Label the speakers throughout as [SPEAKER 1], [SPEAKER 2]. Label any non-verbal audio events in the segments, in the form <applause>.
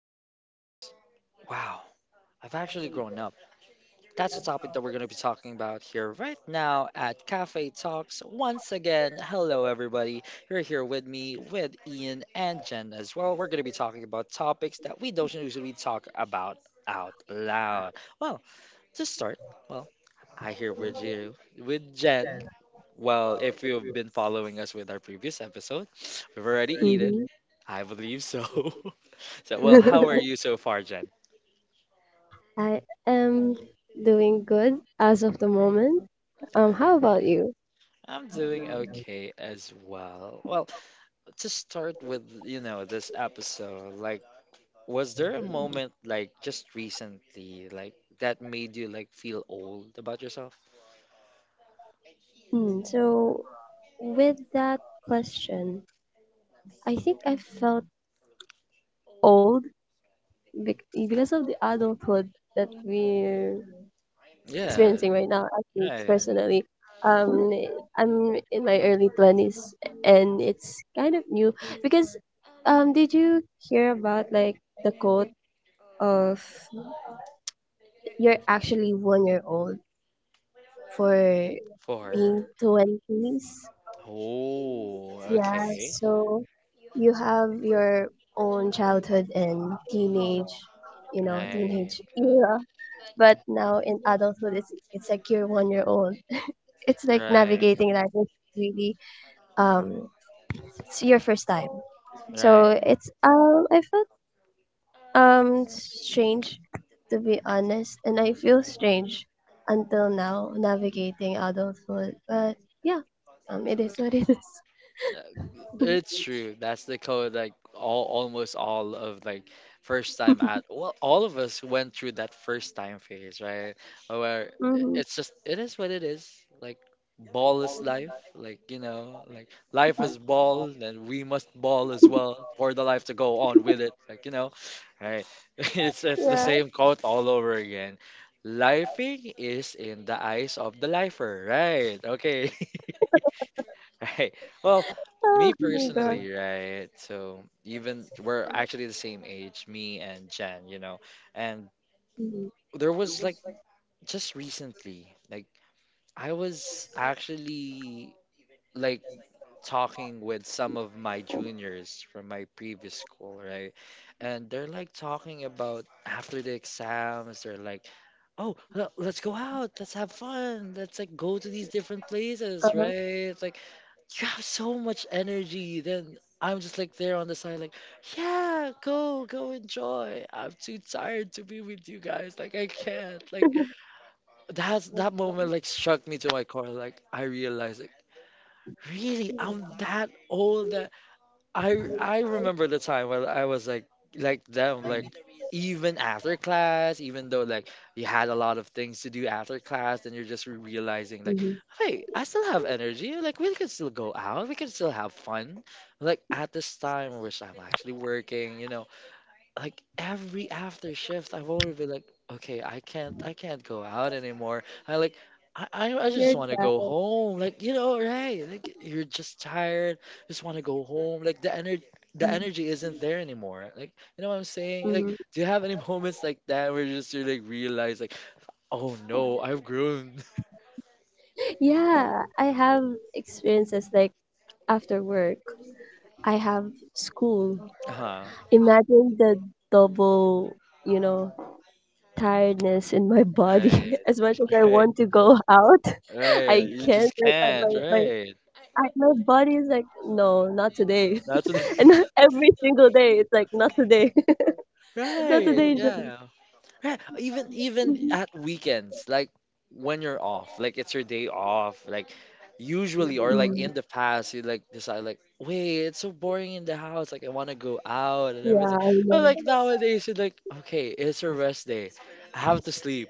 [SPEAKER 1] you realize, wow, I've actually grown up. That's the topic that we're going to be talking about here right now at Cafe Talks. Once again, hello everybody. You're here with me, with Ian and Jen as well. We're going to be talking about topics that we don't usually talk about out loud. Well, to start, well, I here with you, with Jen. Well, if you've been following us with our previous episode, we've already eaten.
[SPEAKER 2] Mhm.
[SPEAKER 1] I believe so. <laughs> So, well, how
[SPEAKER 2] <laughs>
[SPEAKER 1] are you so far, Jen?
[SPEAKER 2] I am doing good as of the moment.
[SPEAKER 1] All
[SPEAKER 2] How
[SPEAKER 1] right.
[SPEAKER 2] about you?
[SPEAKER 1] I'm doing okay as well. Well, to start with, this episode, like, was there a moment, like, just recently, like, that made you, like, feel old about yourself?
[SPEAKER 2] Hmm, so, with that question, I think I felt old because of the adulthood that we're
[SPEAKER 1] Uh,
[SPEAKER 2] experiencing right now. Actually, personally, um, I'm in my early 20s, and it's kind of new because, did you hear about like the quote of you're actually one year old for
[SPEAKER 1] for,
[SPEAKER 2] being 20s?
[SPEAKER 1] oh,
[SPEAKER 2] Yeah, so you have your own childhood and teenage, you know,
[SPEAKER 1] right,
[SPEAKER 2] teenage era. But now in adulthood, it's like you're one year old. <laughs> It's like
[SPEAKER 1] right,
[SPEAKER 2] navigating life. It's really, um, it's your first time. So
[SPEAKER 1] right.
[SPEAKER 2] it's I felt, strange, to be honest, and I feel strange until now navigating adulthood. But yeah, it is what it is.
[SPEAKER 1] Uh,
[SPEAKER 2] <laughs>
[SPEAKER 1] true. That's the code, like, almost all of, like, first time at, all of us went through first time phase, right? Where
[SPEAKER 2] Mm-hmm.
[SPEAKER 1] it's it is what it is. Ball is life. Like, like life is ball, and we must ball as well for the life to go on with, know. Right. <laughs> It's
[SPEAKER 2] Yeah.
[SPEAKER 1] same quote all over again. Lifing is lifer, right? Okay. <laughs> right. Well,
[SPEAKER 2] Oh
[SPEAKER 1] me
[SPEAKER 2] my god.
[SPEAKER 1] personally, right? So even we're actually is me and know and
[SPEAKER 2] Mm-hmm.
[SPEAKER 1] there was just recently like I was actually like talking with some of my juniors from my previous school, right? And they're like talking about after the exams, they're like, oh, let's go out, let's have fun, let's like go to these different places,
[SPEAKER 2] Uh-huh.
[SPEAKER 1] right? Like, you have so much energy. Then I'm just like there on the side, like, yeah, go, go enjoy. I'm too tired to be with you guys. Like, I can't. Like, that moment like struck me to my core. Like, I realized, like, really, I'm that old. That I remember the time when I was like them like even after class, even though like you had a lot of things to do after class, then you're just realizing like,
[SPEAKER 2] Mm-hmm.
[SPEAKER 1] hey, I still have energy. Like we can still go out. We can still have fun. Like at this time, which I'm you know, like every after shift, I've already been like, okay, I can't go out anymore. I like I just
[SPEAKER 2] Your
[SPEAKER 1] want to go
[SPEAKER 2] dad.
[SPEAKER 1] home. Like you know, right? You're just tired. Just want to go home. Like the energy isn't there anymore. Like, you know what I'm saying? Like,
[SPEAKER 2] Mm-hmm.
[SPEAKER 1] do you have any <laughs> moments like that where you like realize like, oh, <laughs>
[SPEAKER 2] Yeah, I have experiences like after work. I have school.
[SPEAKER 1] uh
[SPEAKER 2] Imagine the double, you know, tiredness in my body. <laughs> As much as I
[SPEAKER 1] right,
[SPEAKER 2] want to go <laughs> out,
[SPEAKER 1] right,
[SPEAKER 2] I
[SPEAKER 1] you
[SPEAKER 2] can't.
[SPEAKER 1] just
[SPEAKER 2] Like,
[SPEAKER 1] can't, right?
[SPEAKER 2] my body is like, no, not today.
[SPEAKER 1] That's what,
[SPEAKER 2] <laughs> And not every single day, it's like, not today.
[SPEAKER 1] <laughs>
[SPEAKER 2] <laughs> Not
[SPEAKER 1] right,
[SPEAKER 2] today, Jen.
[SPEAKER 1] yeah, right. Even
[SPEAKER 2] Mhm.
[SPEAKER 1] at weekends, like when you're off, like it's your day off, usually or like
[SPEAKER 2] Mm.
[SPEAKER 1] in the past, you like decide like. Wait, it's so boring in the house. Like I want to go out and
[SPEAKER 2] Yeah,
[SPEAKER 1] everything.
[SPEAKER 2] I
[SPEAKER 1] But
[SPEAKER 2] know.
[SPEAKER 1] like nowadays, you're like, okay, it's a rest day. I have to sleep.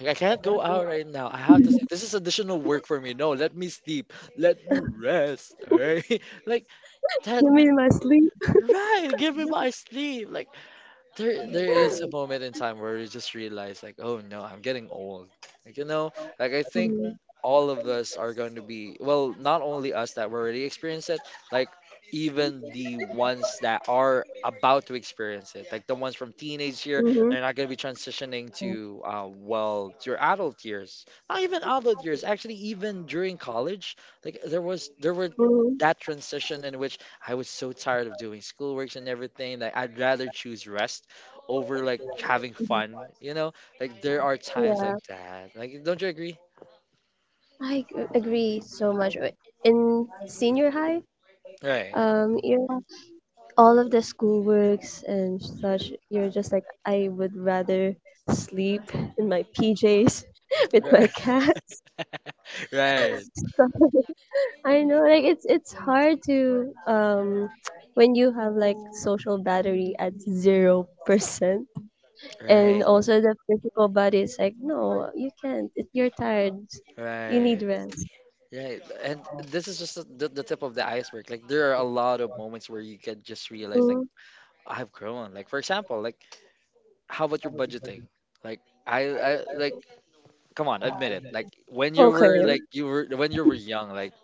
[SPEAKER 1] Like I can't go out right now. I have to.
[SPEAKER 2] <laughs>
[SPEAKER 1] This is additional work for me. No, let me sleep. Let me rest. All right. <laughs> Like that.
[SPEAKER 2] You mean my sleep?
[SPEAKER 1] Right. Give me my sleep. Like there is a
[SPEAKER 2] <laughs>
[SPEAKER 1] moment in time where you just realize, like, oh no, I'm getting old. Like like I think
[SPEAKER 2] Mm-hmm.
[SPEAKER 1] all of us are going to be. Well, not only us that were already experienced it. Like even the ones that are about to experience. Like the ones from teenage year,
[SPEAKER 2] Mm-hmm.
[SPEAKER 1] they're not going to be transitioning to well your adult years, not even adult years, actually even during college, like there were that transition in which I was so tired of doing schoolworks and everything that I'd rather choose rest over like having
[SPEAKER 2] Mm-hmm.
[SPEAKER 1] fun, you know? Like there are times like
[SPEAKER 2] Yeah,
[SPEAKER 1] that. Like don't you agree?
[SPEAKER 2] I agree so much. Wait, in senior high, um, all of the schoolworks and such, you're just like, I would rather sleep in my PJs <laughs> with my
[SPEAKER 1] <laughs>
[SPEAKER 2] cat. <laughs>
[SPEAKER 1] right.
[SPEAKER 2] So, I know, like it's hard to when you have like social battery at 0%, and
[SPEAKER 1] Right,
[SPEAKER 2] also the physical body is like, no, you can't. You're tired. You need
[SPEAKER 1] right.
[SPEAKER 2] rest.
[SPEAKER 1] This is just a, There are a lot of points where you can just realize
[SPEAKER 2] Hmm.
[SPEAKER 1] I've grown. Like for example, like how about your budgeting? Like I come on, admit like when you were
[SPEAKER 2] Okay.
[SPEAKER 1] like you were when you were young like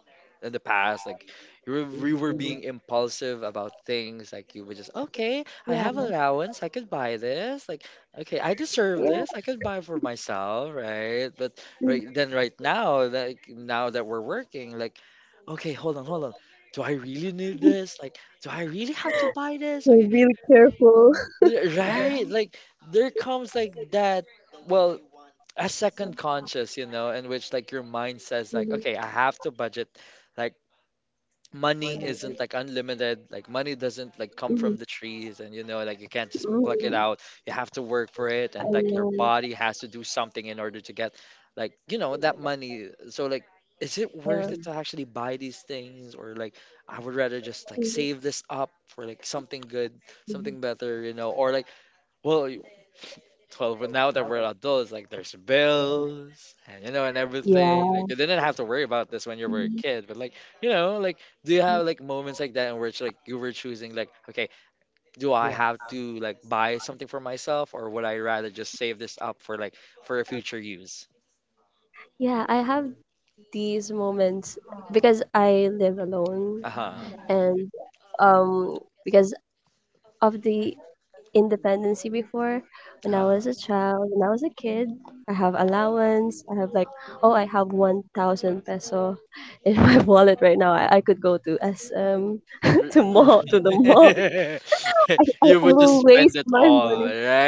[SPEAKER 1] in the past like you were being impulsive about things like you were just okay I
[SPEAKER 2] Yeah,
[SPEAKER 1] have allowance I could buy this like okay I deserve
[SPEAKER 2] yeah.
[SPEAKER 1] this I could buy for myself right but
[SPEAKER 2] Mhm.
[SPEAKER 1] then right now that we're working like okay hold on hold on do I really need this like do I really have to buy this
[SPEAKER 2] So
[SPEAKER 1] okay
[SPEAKER 2] really careful.
[SPEAKER 1] right like there comes like that a second conscious in which like your mind
[SPEAKER 2] <laughs>
[SPEAKER 1] says like
[SPEAKER 2] Mhm.
[SPEAKER 1] okay I have to budget like money isn't like unlimited like money doesn't like come
[SPEAKER 2] Mhm.
[SPEAKER 1] from the trees and like you can't just pluck it
[SPEAKER 2] Mhm.
[SPEAKER 1] out you have to work for it
[SPEAKER 2] I
[SPEAKER 1] and like your
[SPEAKER 2] know.
[SPEAKER 1] body has to do something in order to get like you know that money so like is it
[SPEAKER 2] Yeah.
[SPEAKER 1] worth it to actually buy these things or like I would rather just like save this up for like something good
[SPEAKER 2] Mhm.
[SPEAKER 1] something better or like well 12. But now that we're adults, like there's bills and and everything. Like
[SPEAKER 2] Yeah.
[SPEAKER 1] you didn't have to worry about this when you were a
[SPEAKER 2] Mhm.
[SPEAKER 1] kid, but like like do you have like moments like that in which like you were choosing like, okay, do I have to buy something for myself or would I rather just save this up for like for a future use?
[SPEAKER 2] Yeah, I have these moments because I live alone
[SPEAKER 1] Uh huh.
[SPEAKER 2] and because of the independency before when I was a child, when I was a kid, I have allowance. I have like, oh, I have 1,000 peso in my <laughs> wallet right now. I could go to SM <laughs>
[SPEAKER 1] R- r-
[SPEAKER 2] to the mall.
[SPEAKER 1] <laughs>
[SPEAKER 2] I
[SPEAKER 1] you would
[SPEAKER 2] will
[SPEAKER 1] just
[SPEAKER 2] waste my
[SPEAKER 1] all
[SPEAKER 2] money.
[SPEAKER 1] there.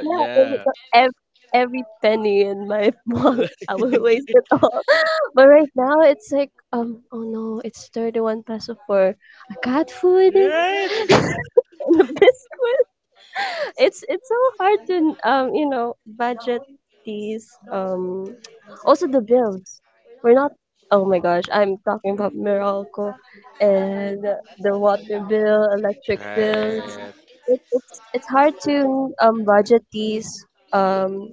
[SPEAKER 2] Yeah, I
[SPEAKER 1] Yeah.
[SPEAKER 2] withdraw every penny in my <laughs> wallet. I
[SPEAKER 1] <laughs>
[SPEAKER 2] will waste it all. <laughs> But right now it's like, oh no, it's 31 peso for a cat food <laughs> and
[SPEAKER 1] Right?
[SPEAKER 2] a biscuit. <laughs> It's so hard to budget these, <tsk> also the bills, we're not oh my gosh, I'm talking about Meralco and the water bill, electric bills. It's hard to budget these, um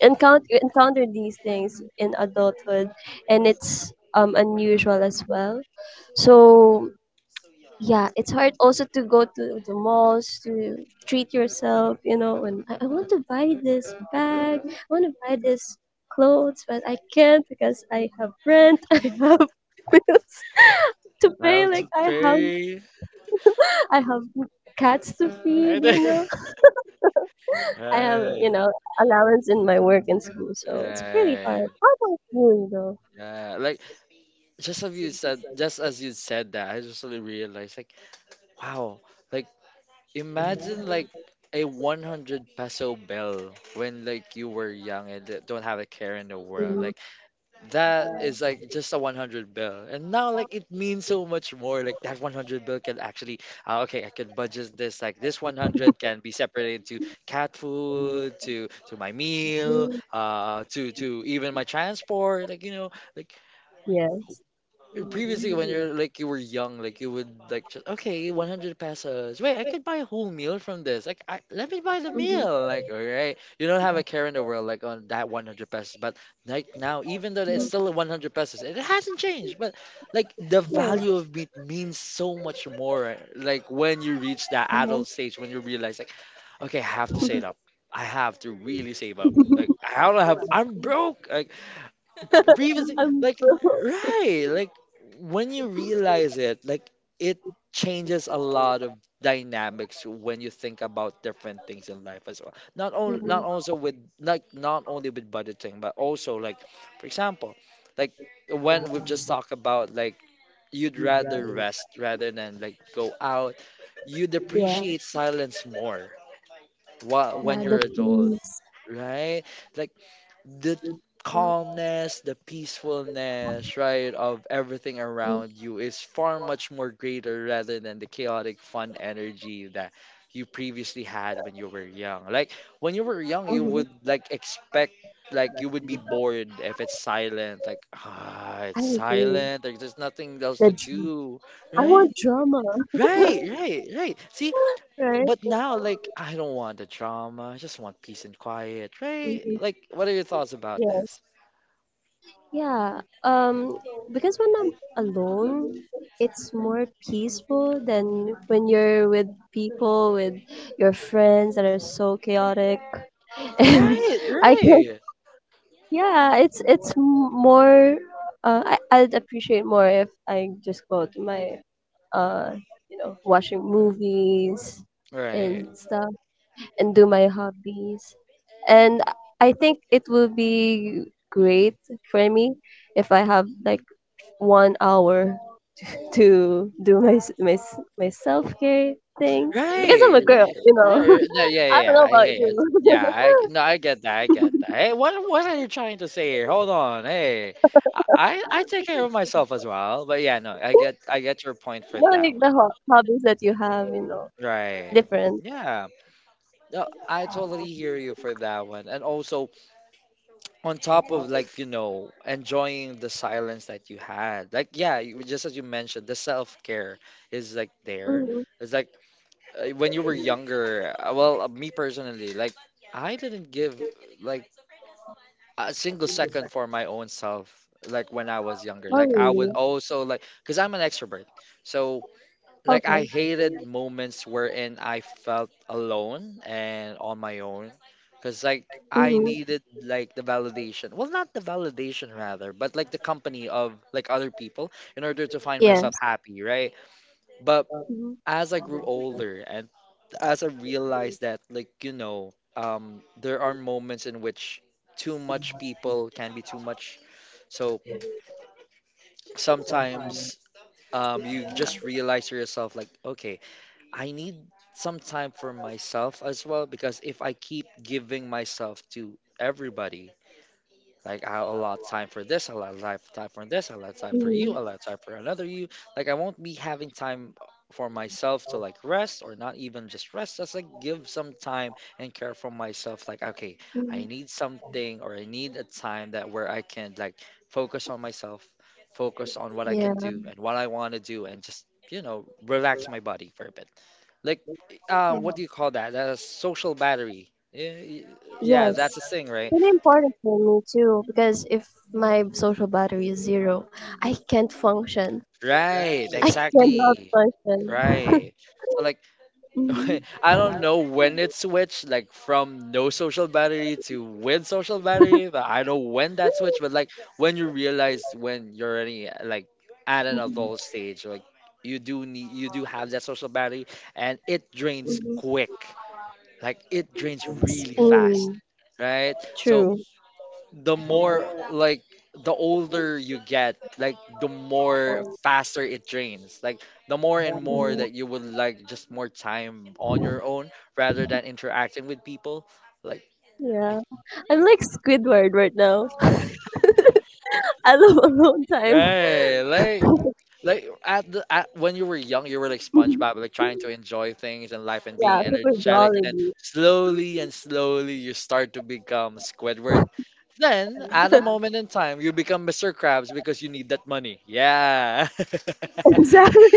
[SPEAKER 2] encounter these things in adulthood, and it's unusual as well. So yeah, it's hard also to go to the malls to treat yourself, and I want to buy this bag, I want to buy this clothes, but I can't because I have rent, <laughs> I have bills <laughs> to
[SPEAKER 1] I
[SPEAKER 2] pay,
[SPEAKER 1] have to
[SPEAKER 2] like I have
[SPEAKER 1] pay.
[SPEAKER 2] I have cats to
[SPEAKER 1] <laughs>
[SPEAKER 2] feed,
[SPEAKER 1] Right.
[SPEAKER 2] you know. I have,
[SPEAKER 1] Right.
[SPEAKER 2] allowance in my work and school, so it's
[SPEAKER 1] Yeah,
[SPEAKER 2] really hard. How about you though?
[SPEAKER 1] yeah. Like just have you just as you said that, I just really realized like, wow, a 100 peso bill don't have a care in the world. Like it's like just a 100 bill. And now like it means so much more. Like that 100 bill can actually okay, I can budget this like this 100 can be separated to cat food, to my meal,
[SPEAKER 2] Mm.
[SPEAKER 1] to even my transport, like like
[SPEAKER 2] Yes.
[SPEAKER 1] previously when you're like you were young like you would like just okay 100 pesos wait I could buy a whole meal from this like I, let me buy the
[SPEAKER 2] Hmm.
[SPEAKER 1] meal like all right you don't have a care in the world like on that 100 pesos but like now even though it's still 100 pesos it hasn't changed but like the
[SPEAKER 2] Yes.
[SPEAKER 1] value of meat means so much more like when you reach that
[SPEAKER 2] Uh-huh.
[SPEAKER 1] adult stage when you realize like okay I have to save up. I have to really save up. Like
[SPEAKER 2] <laughs>
[SPEAKER 1] I don't have. I'm broke. Like revisit
[SPEAKER 2] I'm
[SPEAKER 1] like
[SPEAKER 2] broke.
[SPEAKER 1] right like when you realize it like it changes a lot of dynamics when you think about different things in life as well not only not
[SPEAKER 2] Mhm.
[SPEAKER 1] also with like not only with budgeting but also like for example like when we've just talked about like you'd rather rest rather than like go out you'd
[SPEAKER 2] Yeah.
[SPEAKER 1] appreciate silence more when
[SPEAKER 2] Yeah, the
[SPEAKER 1] you're adult
[SPEAKER 2] themes.
[SPEAKER 1] right like the calmness, the peacefulness, right, of everything
[SPEAKER 2] Mm.
[SPEAKER 1] around you is far much more greater rather than the chaotic fun energy that you previously had when you were young. Like when you were young, you
[SPEAKER 2] Mhm.
[SPEAKER 1] would like expect like you would be bored if it's silent like ah
[SPEAKER 2] I
[SPEAKER 1] it's
[SPEAKER 2] agree.
[SPEAKER 1] silent like there's nothing else to
[SPEAKER 2] The drama.
[SPEAKER 1] do
[SPEAKER 2] I
[SPEAKER 1] right,
[SPEAKER 2] want drama. <laughs>
[SPEAKER 1] right, right, right, see
[SPEAKER 2] Right?
[SPEAKER 1] but now like I don't want the drama I just want peace and quiet right
[SPEAKER 2] Mhm.
[SPEAKER 1] like what are your thoughts about
[SPEAKER 2] Yes.
[SPEAKER 1] this.
[SPEAKER 2] Yeah. Because when I'm alone, it's more peaceful than when you're with people, with your friends that are so chaotic. <laughs> And I can
[SPEAKER 1] Right.
[SPEAKER 2] Yeah, more. I'd appreciate more if I just go to my, uh, watching movies
[SPEAKER 1] Right.
[SPEAKER 2] and stuff, and do my hobbies. And I think it will be great for me if I have like one hour to do my self care thing. I
[SPEAKER 1] Right.
[SPEAKER 2] guess I'm a girl, you know.
[SPEAKER 1] Yeah,
[SPEAKER 2] <laughs>
[SPEAKER 1] yeah, yeah, yeah,
[SPEAKER 2] I don't
[SPEAKER 1] yeah.
[SPEAKER 2] know about you. <laughs>
[SPEAKER 1] I get. Hey, what are you trying to say here? Hold on. Hey, I take care of myself as well. But yeah, no,
[SPEAKER 2] Not like the hobbies that you have, you know,
[SPEAKER 1] right.
[SPEAKER 2] different.
[SPEAKER 1] Yeah, hear you for that one, and also silence that you had. Like yeah, you, just as you mentioned, the self is there.
[SPEAKER 2] Mm-hmm.
[SPEAKER 1] It's like when you were younger, personally, like I didn't give like a single second for my own self. Like when I was younger,
[SPEAKER 2] Oh,
[SPEAKER 1] I would
[SPEAKER 2] really?
[SPEAKER 1] also like because I'm an extrovert. So like
[SPEAKER 2] Okay.
[SPEAKER 1] I hated moments wherein I felt alone and on my own. Like I
[SPEAKER 2] Mm-hmm.
[SPEAKER 1] needed like the validation. Well, not the validation rather, but like other people in order to find myself
[SPEAKER 2] Yes.
[SPEAKER 1] happy, right? But
[SPEAKER 2] Mm-hmm.
[SPEAKER 1] as I grew older and as I realized that like there are moments in which too much people can too much. So sometimes um just realize to yourself like, okay, I need some time for myself as well, because if I keep giving myself to everybody, like I allot time for this, a lot life time for this, I allot time for
[SPEAKER 2] Mm-hmm.
[SPEAKER 1] you, I allot time for another you, like I won't be having time for myself to like rest, or not even just rest, just like give some time and care for myself. Like okay, I
[SPEAKER 2] Hmm.
[SPEAKER 1] need something or I need a time that where I can like focus on myself, focus on what I can
[SPEAKER 2] Yeah.
[SPEAKER 1] do and what I want to do, and just relax my body for a bit like what do you call that? A social battery. Yeah, y-
[SPEAKER 2] Yes.
[SPEAKER 1] that's a thing, right?
[SPEAKER 2] Really important for me too, because if my social battery is zero, I can't function.
[SPEAKER 1] Right,
[SPEAKER 2] I cannot function.
[SPEAKER 1] right. So like
[SPEAKER 2] Mm-hmm.
[SPEAKER 1] <laughs> when it switched, like no social battery to with social battery. But I know when that switch. But like when you realize when you're already like at an
[SPEAKER 2] Mm-hmm.
[SPEAKER 1] adult, you do need, you do have that social battery, and it drains quick. It drains really fast,
[SPEAKER 2] Mm,
[SPEAKER 1] right?
[SPEAKER 2] true.
[SPEAKER 1] The more like the older, faster it drains more and more
[SPEAKER 2] Mhm.
[SPEAKER 1] that you would like just more time rather than interact.
[SPEAKER 2] Yeah. I'm like Squidward right now. <laughs> I love alone time.
[SPEAKER 1] Right?
[SPEAKER 2] <laughs>
[SPEAKER 1] We're young, like trying to enjoy things, and
[SPEAKER 2] Yeah, super jolly.
[SPEAKER 1] then slowly and slowly you start to be. Then at a
[SPEAKER 2] <laughs>
[SPEAKER 1] moment in time, you become Mr. Krabs because you need that money. Yeah. <laughs>
[SPEAKER 2] Exactly.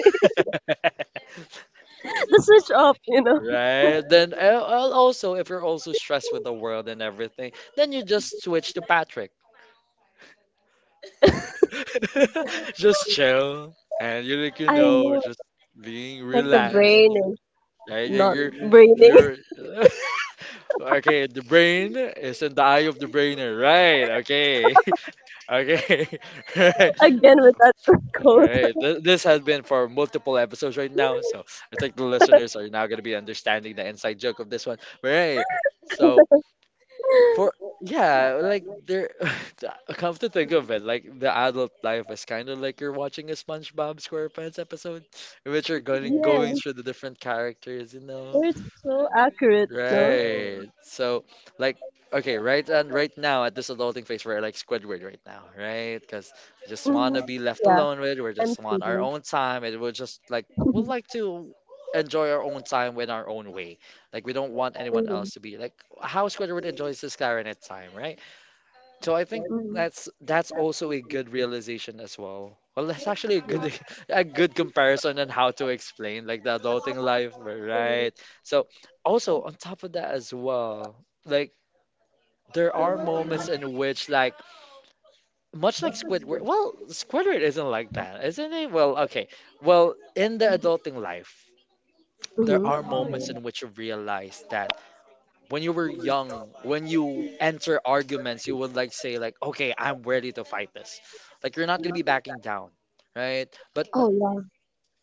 [SPEAKER 2] <laughs> The switch off, you know.
[SPEAKER 1] Right? Then al- also, if you're also stressed with the world and everything, you just switch that trick. <laughs> Just chill and
[SPEAKER 2] I know.
[SPEAKER 1] just
[SPEAKER 2] Like the brain is
[SPEAKER 1] right.
[SPEAKER 2] not breathing.
[SPEAKER 1] You're- <laughs> okay, the brain. Right. Okay.
[SPEAKER 2] <laughs> Again with that <laughs> quote.
[SPEAKER 1] Right. Th- This has whole episodes right now. Inside joke. This one. Right.
[SPEAKER 2] <laughs>
[SPEAKER 1] So for yeah, like there. <laughs> Come to think of it, like the adult life is kind of like you're watching a SpongeBob SquarePants episode, in which you're going
[SPEAKER 2] Yeah,
[SPEAKER 1] going through the different characters, you know.
[SPEAKER 2] they're so accurate, no?
[SPEAKER 1] Right. So okay, right and right now at this adulting phase, we're like Squidward right now, right? Because just wanna
[SPEAKER 2] Hmm.
[SPEAKER 1] be left
[SPEAKER 2] Yeah,
[SPEAKER 1] alone with. We're
[SPEAKER 2] I'm
[SPEAKER 1] just want our
[SPEAKER 2] kidding.
[SPEAKER 1] own time, and we're just like. Would like
[SPEAKER 2] <laughs>
[SPEAKER 1] to enjoy our own time with our own way. Like we don't want anyone
[SPEAKER 2] Hmm.
[SPEAKER 1] else to be like how Squidward enjoys his clarinet time, right? So I think
[SPEAKER 2] Hmm.
[SPEAKER 1] that's also a good realization as well. Well, that's actually a good <laughs> a good comparison on how to explain like right? So also on top of that as well, like there are mo- which like much like Squidward. Well, Squidward isn't like that, isn't it? Well, okay. Well, in the adulting life, there are
[SPEAKER 2] Hmm.
[SPEAKER 1] moments in which you realize that when you were young, when you enter arguments, you would like say like, okay, I'm ready to fight this. Like you're not gonna be backing down, right? But
[SPEAKER 2] Oh, yeah.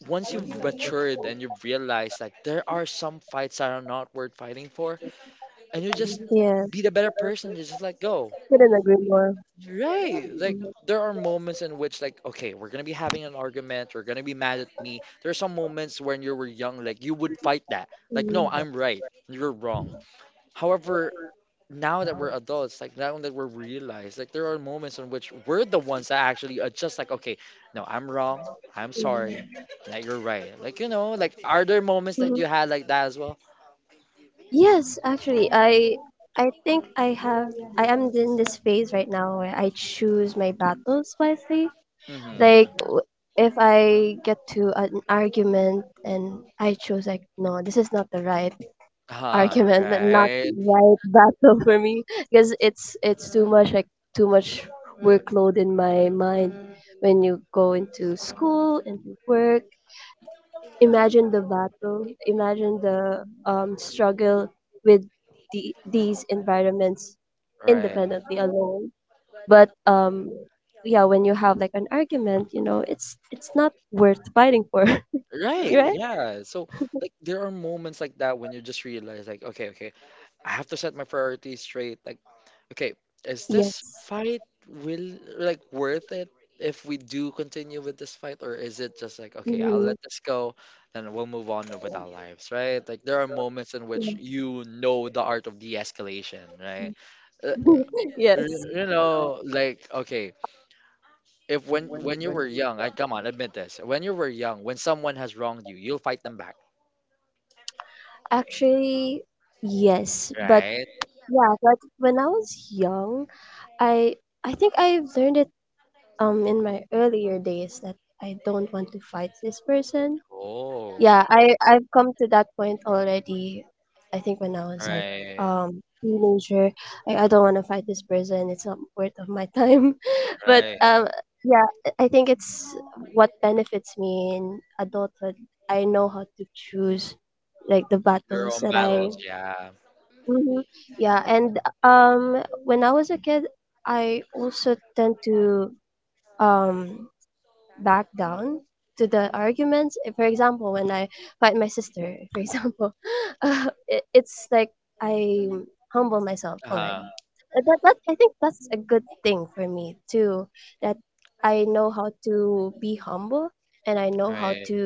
[SPEAKER 1] once you've matured and you've realized like there are some fights that are not worth fighting for,
[SPEAKER 2] Yeah,
[SPEAKER 1] be the better person to just let go.
[SPEAKER 2] couldn't agree more.
[SPEAKER 1] Right. Like
[SPEAKER 2] Hmm.
[SPEAKER 1] there are moments in which like, okay, we're gonna be having an argument, we're gonna be mad at me. There are some moments when you were young, like you would fight that. Like, no,
[SPEAKER 2] Hmm.
[SPEAKER 1] I'm right. You're wrong. However, now that we're adults, like now that we're realized, like there are moments in which we're the ones that actually are just like, okay, no, I'm wrong, I'm sorry, that you're right. Like like are there moments that you had like that as well?
[SPEAKER 2] Yes, actually, I think I am in this phase right now where I choose my battles wisely. Like, if I get to an argument and I choose like, no, this is not the right
[SPEAKER 1] Uh,
[SPEAKER 2] argument and not
[SPEAKER 1] right,
[SPEAKER 2] right battle for me because it's too much, like too much workload in my mind when you go into school and work. Imagine the battle. Imagine the, struggle with these environments
[SPEAKER 1] right,
[SPEAKER 2] independently alone. But yeah, when you have like an argument, it's not worth fighting for. <laughs>
[SPEAKER 1] right.
[SPEAKER 2] Right.
[SPEAKER 1] Yeah. So like there are moments like that when you just realize like, okay, okay, priority straight. Like okay, is this
[SPEAKER 2] Yes.
[SPEAKER 1] fight will like worth it if we do continue with this fight, or is it just like okay, I'll
[SPEAKER 2] Mhm.
[SPEAKER 1] let this go and we'll move on with our lives, right? Like there are moments in which
[SPEAKER 2] <laughs>
[SPEAKER 1] you know the art of de-escalation, right? Uh, y-
[SPEAKER 2] Yes.
[SPEAKER 1] like okay, if when you were young, I come on, admit this. When you were young, when someone has wronged you, you'll fight them back,
[SPEAKER 2] Actually, yes, but
[SPEAKER 1] right?
[SPEAKER 2] yeah, but when I was young, I I think I learned it in my earlier days that I don't want to fight this person.
[SPEAKER 1] Oh,
[SPEAKER 2] Yeah, I've come to that point already. I think when I was like,
[SPEAKER 1] right,
[SPEAKER 2] teenager, I don't want to fight this person, it's not worth of my time. <laughs> But
[SPEAKER 1] right.
[SPEAKER 2] yeah, I think it's what benefits me in adulthood. I know how to choose like the
[SPEAKER 1] Your
[SPEAKER 2] battles
[SPEAKER 1] own
[SPEAKER 2] that I.
[SPEAKER 1] battles, yeah.
[SPEAKER 2] Mhm. Yeah, and when I was a kid, I also tend to, um back down to the arguments. If, for example, when I fight my sister, for example, <laughs> it's like I humble myself already.
[SPEAKER 1] Uh-huh.
[SPEAKER 2] That, I think that's a good thing for me too. That I know how to be humble and I know how to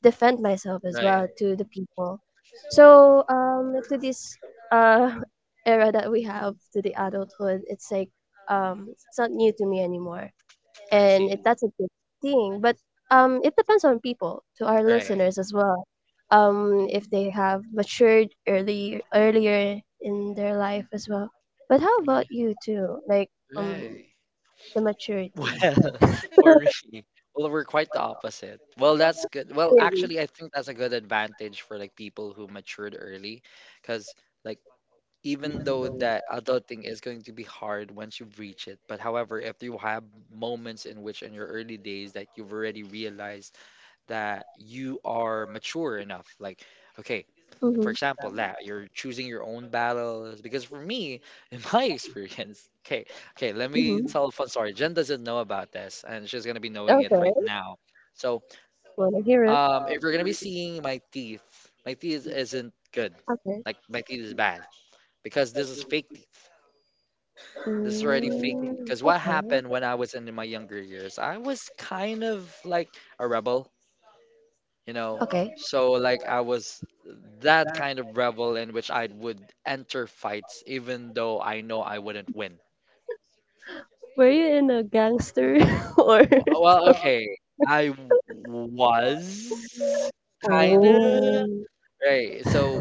[SPEAKER 2] defend myself as
[SPEAKER 1] Right.
[SPEAKER 2] well to the people. So, to this, uh, <laughs> era that we have to the adulthood, it's like, it's not new to me anymore, and that's a good thing. But, it depends on people, to our listeners as well. If they have matured early earlier in their life as well. But how about you too? Like, um,
[SPEAKER 1] Right. <laughs>
[SPEAKER 2] the
[SPEAKER 1] Well,
[SPEAKER 2] maturity.
[SPEAKER 1] <laughs> for me, well, we're quite the opposite. That's good.
[SPEAKER 2] Really?
[SPEAKER 1] Actually, think that's a good advantage for like people who matured early, because like even though that adulting is going to be hard once you've reached it, but however, if you have moments in which in your early days that you've already realized that you are mature enough, like okay, for
[SPEAKER 2] Mhm.
[SPEAKER 1] example, that you're choosing your own battles. Because for me, in my <laughs> experience, okay, okay, let me
[SPEAKER 2] Mhm.
[SPEAKER 1] tell a fun story. Jen doesn't know about this, and she's gonna be knowing it
[SPEAKER 2] Okay.
[SPEAKER 1] right now. So,
[SPEAKER 2] Wanna hear it?
[SPEAKER 1] if you're gonna be seeing my teeth isn't good.
[SPEAKER 2] Okay.
[SPEAKER 1] Like my teeth is bad because this is fake teeth. This is already fake teeth.
[SPEAKER 2] Mm.
[SPEAKER 1] Because what
[SPEAKER 2] Okay.
[SPEAKER 1] happened when I was in my younger years, I was kind of like a rebel. You know.
[SPEAKER 2] Okay.
[SPEAKER 1] So like I was that kind of rebel in which I would enter fights even though I know I wouldn't win.
[SPEAKER 2] Were you in a gangster <laughs> or?
[SPEAKER 1] W- Well, okay, I w- was kind of
[SPEAKER 2] Oh,
[SPEAKER 1] right. So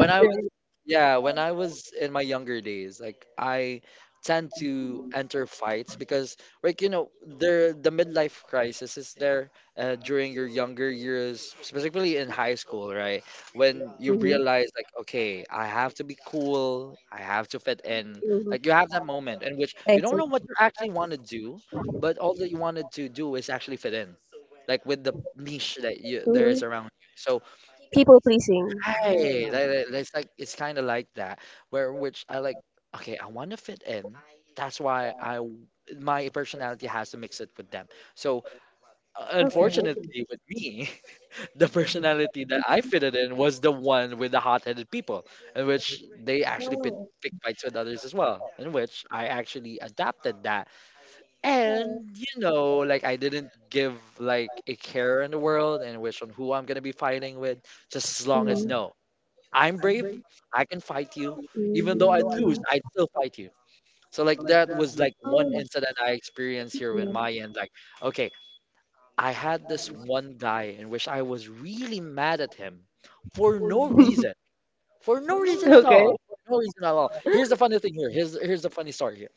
[SPEAKER 1] I was, yeah, when I was in my younger days, I tend to enter fights because like there the midlife crisis is there, and particularly in high school, right? You
[SPEAKER 2] Mm-hmm.
[SPEAKER 1] realize like okay, I have to
[SPEAKER 2] Mm-hmm.
[SPEAKER 1] like
[SPEAKER 2] I
[SPEAKER 1] you don't
[SPEAKER 2] see.
[SPEAKER 1] know what you're actually you wanted to do is actually fit in with the niche that you there
[SPEAKER 2] Mhm.
[SPEAKER 1] is around. So
[SPEAKER 2] People pleasing.
[SPEAKER 1] hey, that, that's like it's kind of like that where which I like. Okay, I want to fit in. That's why I w- my personality had. So unfortunately, with me, <laughs> the personality that I fitted in was the one with the hot-headed people, in which they actually pit, pick fights with others as well. In which I actually adapt that, and like I didn't give like a care in the world and which on who I'm gonna be fighting with. Just as long as
[SPEAKER 2] Mhm.
[SPEAKER 1] no, I can fight. If I lose,
[SPEAKER 2] Mm.
[SPEAKER 1] I'd still fight you. That was like
[SPEAKER 2] Oh,
[SPEAKER 1] one
[SPEAKER 2] okay.
[SPEAKER 1] incident I experienced here with my end. Like, okay, this one guy in which I was really mad at him for no reason, for no reason at all, for no reason at all. Here's the funny thing here. Here's the funny story here.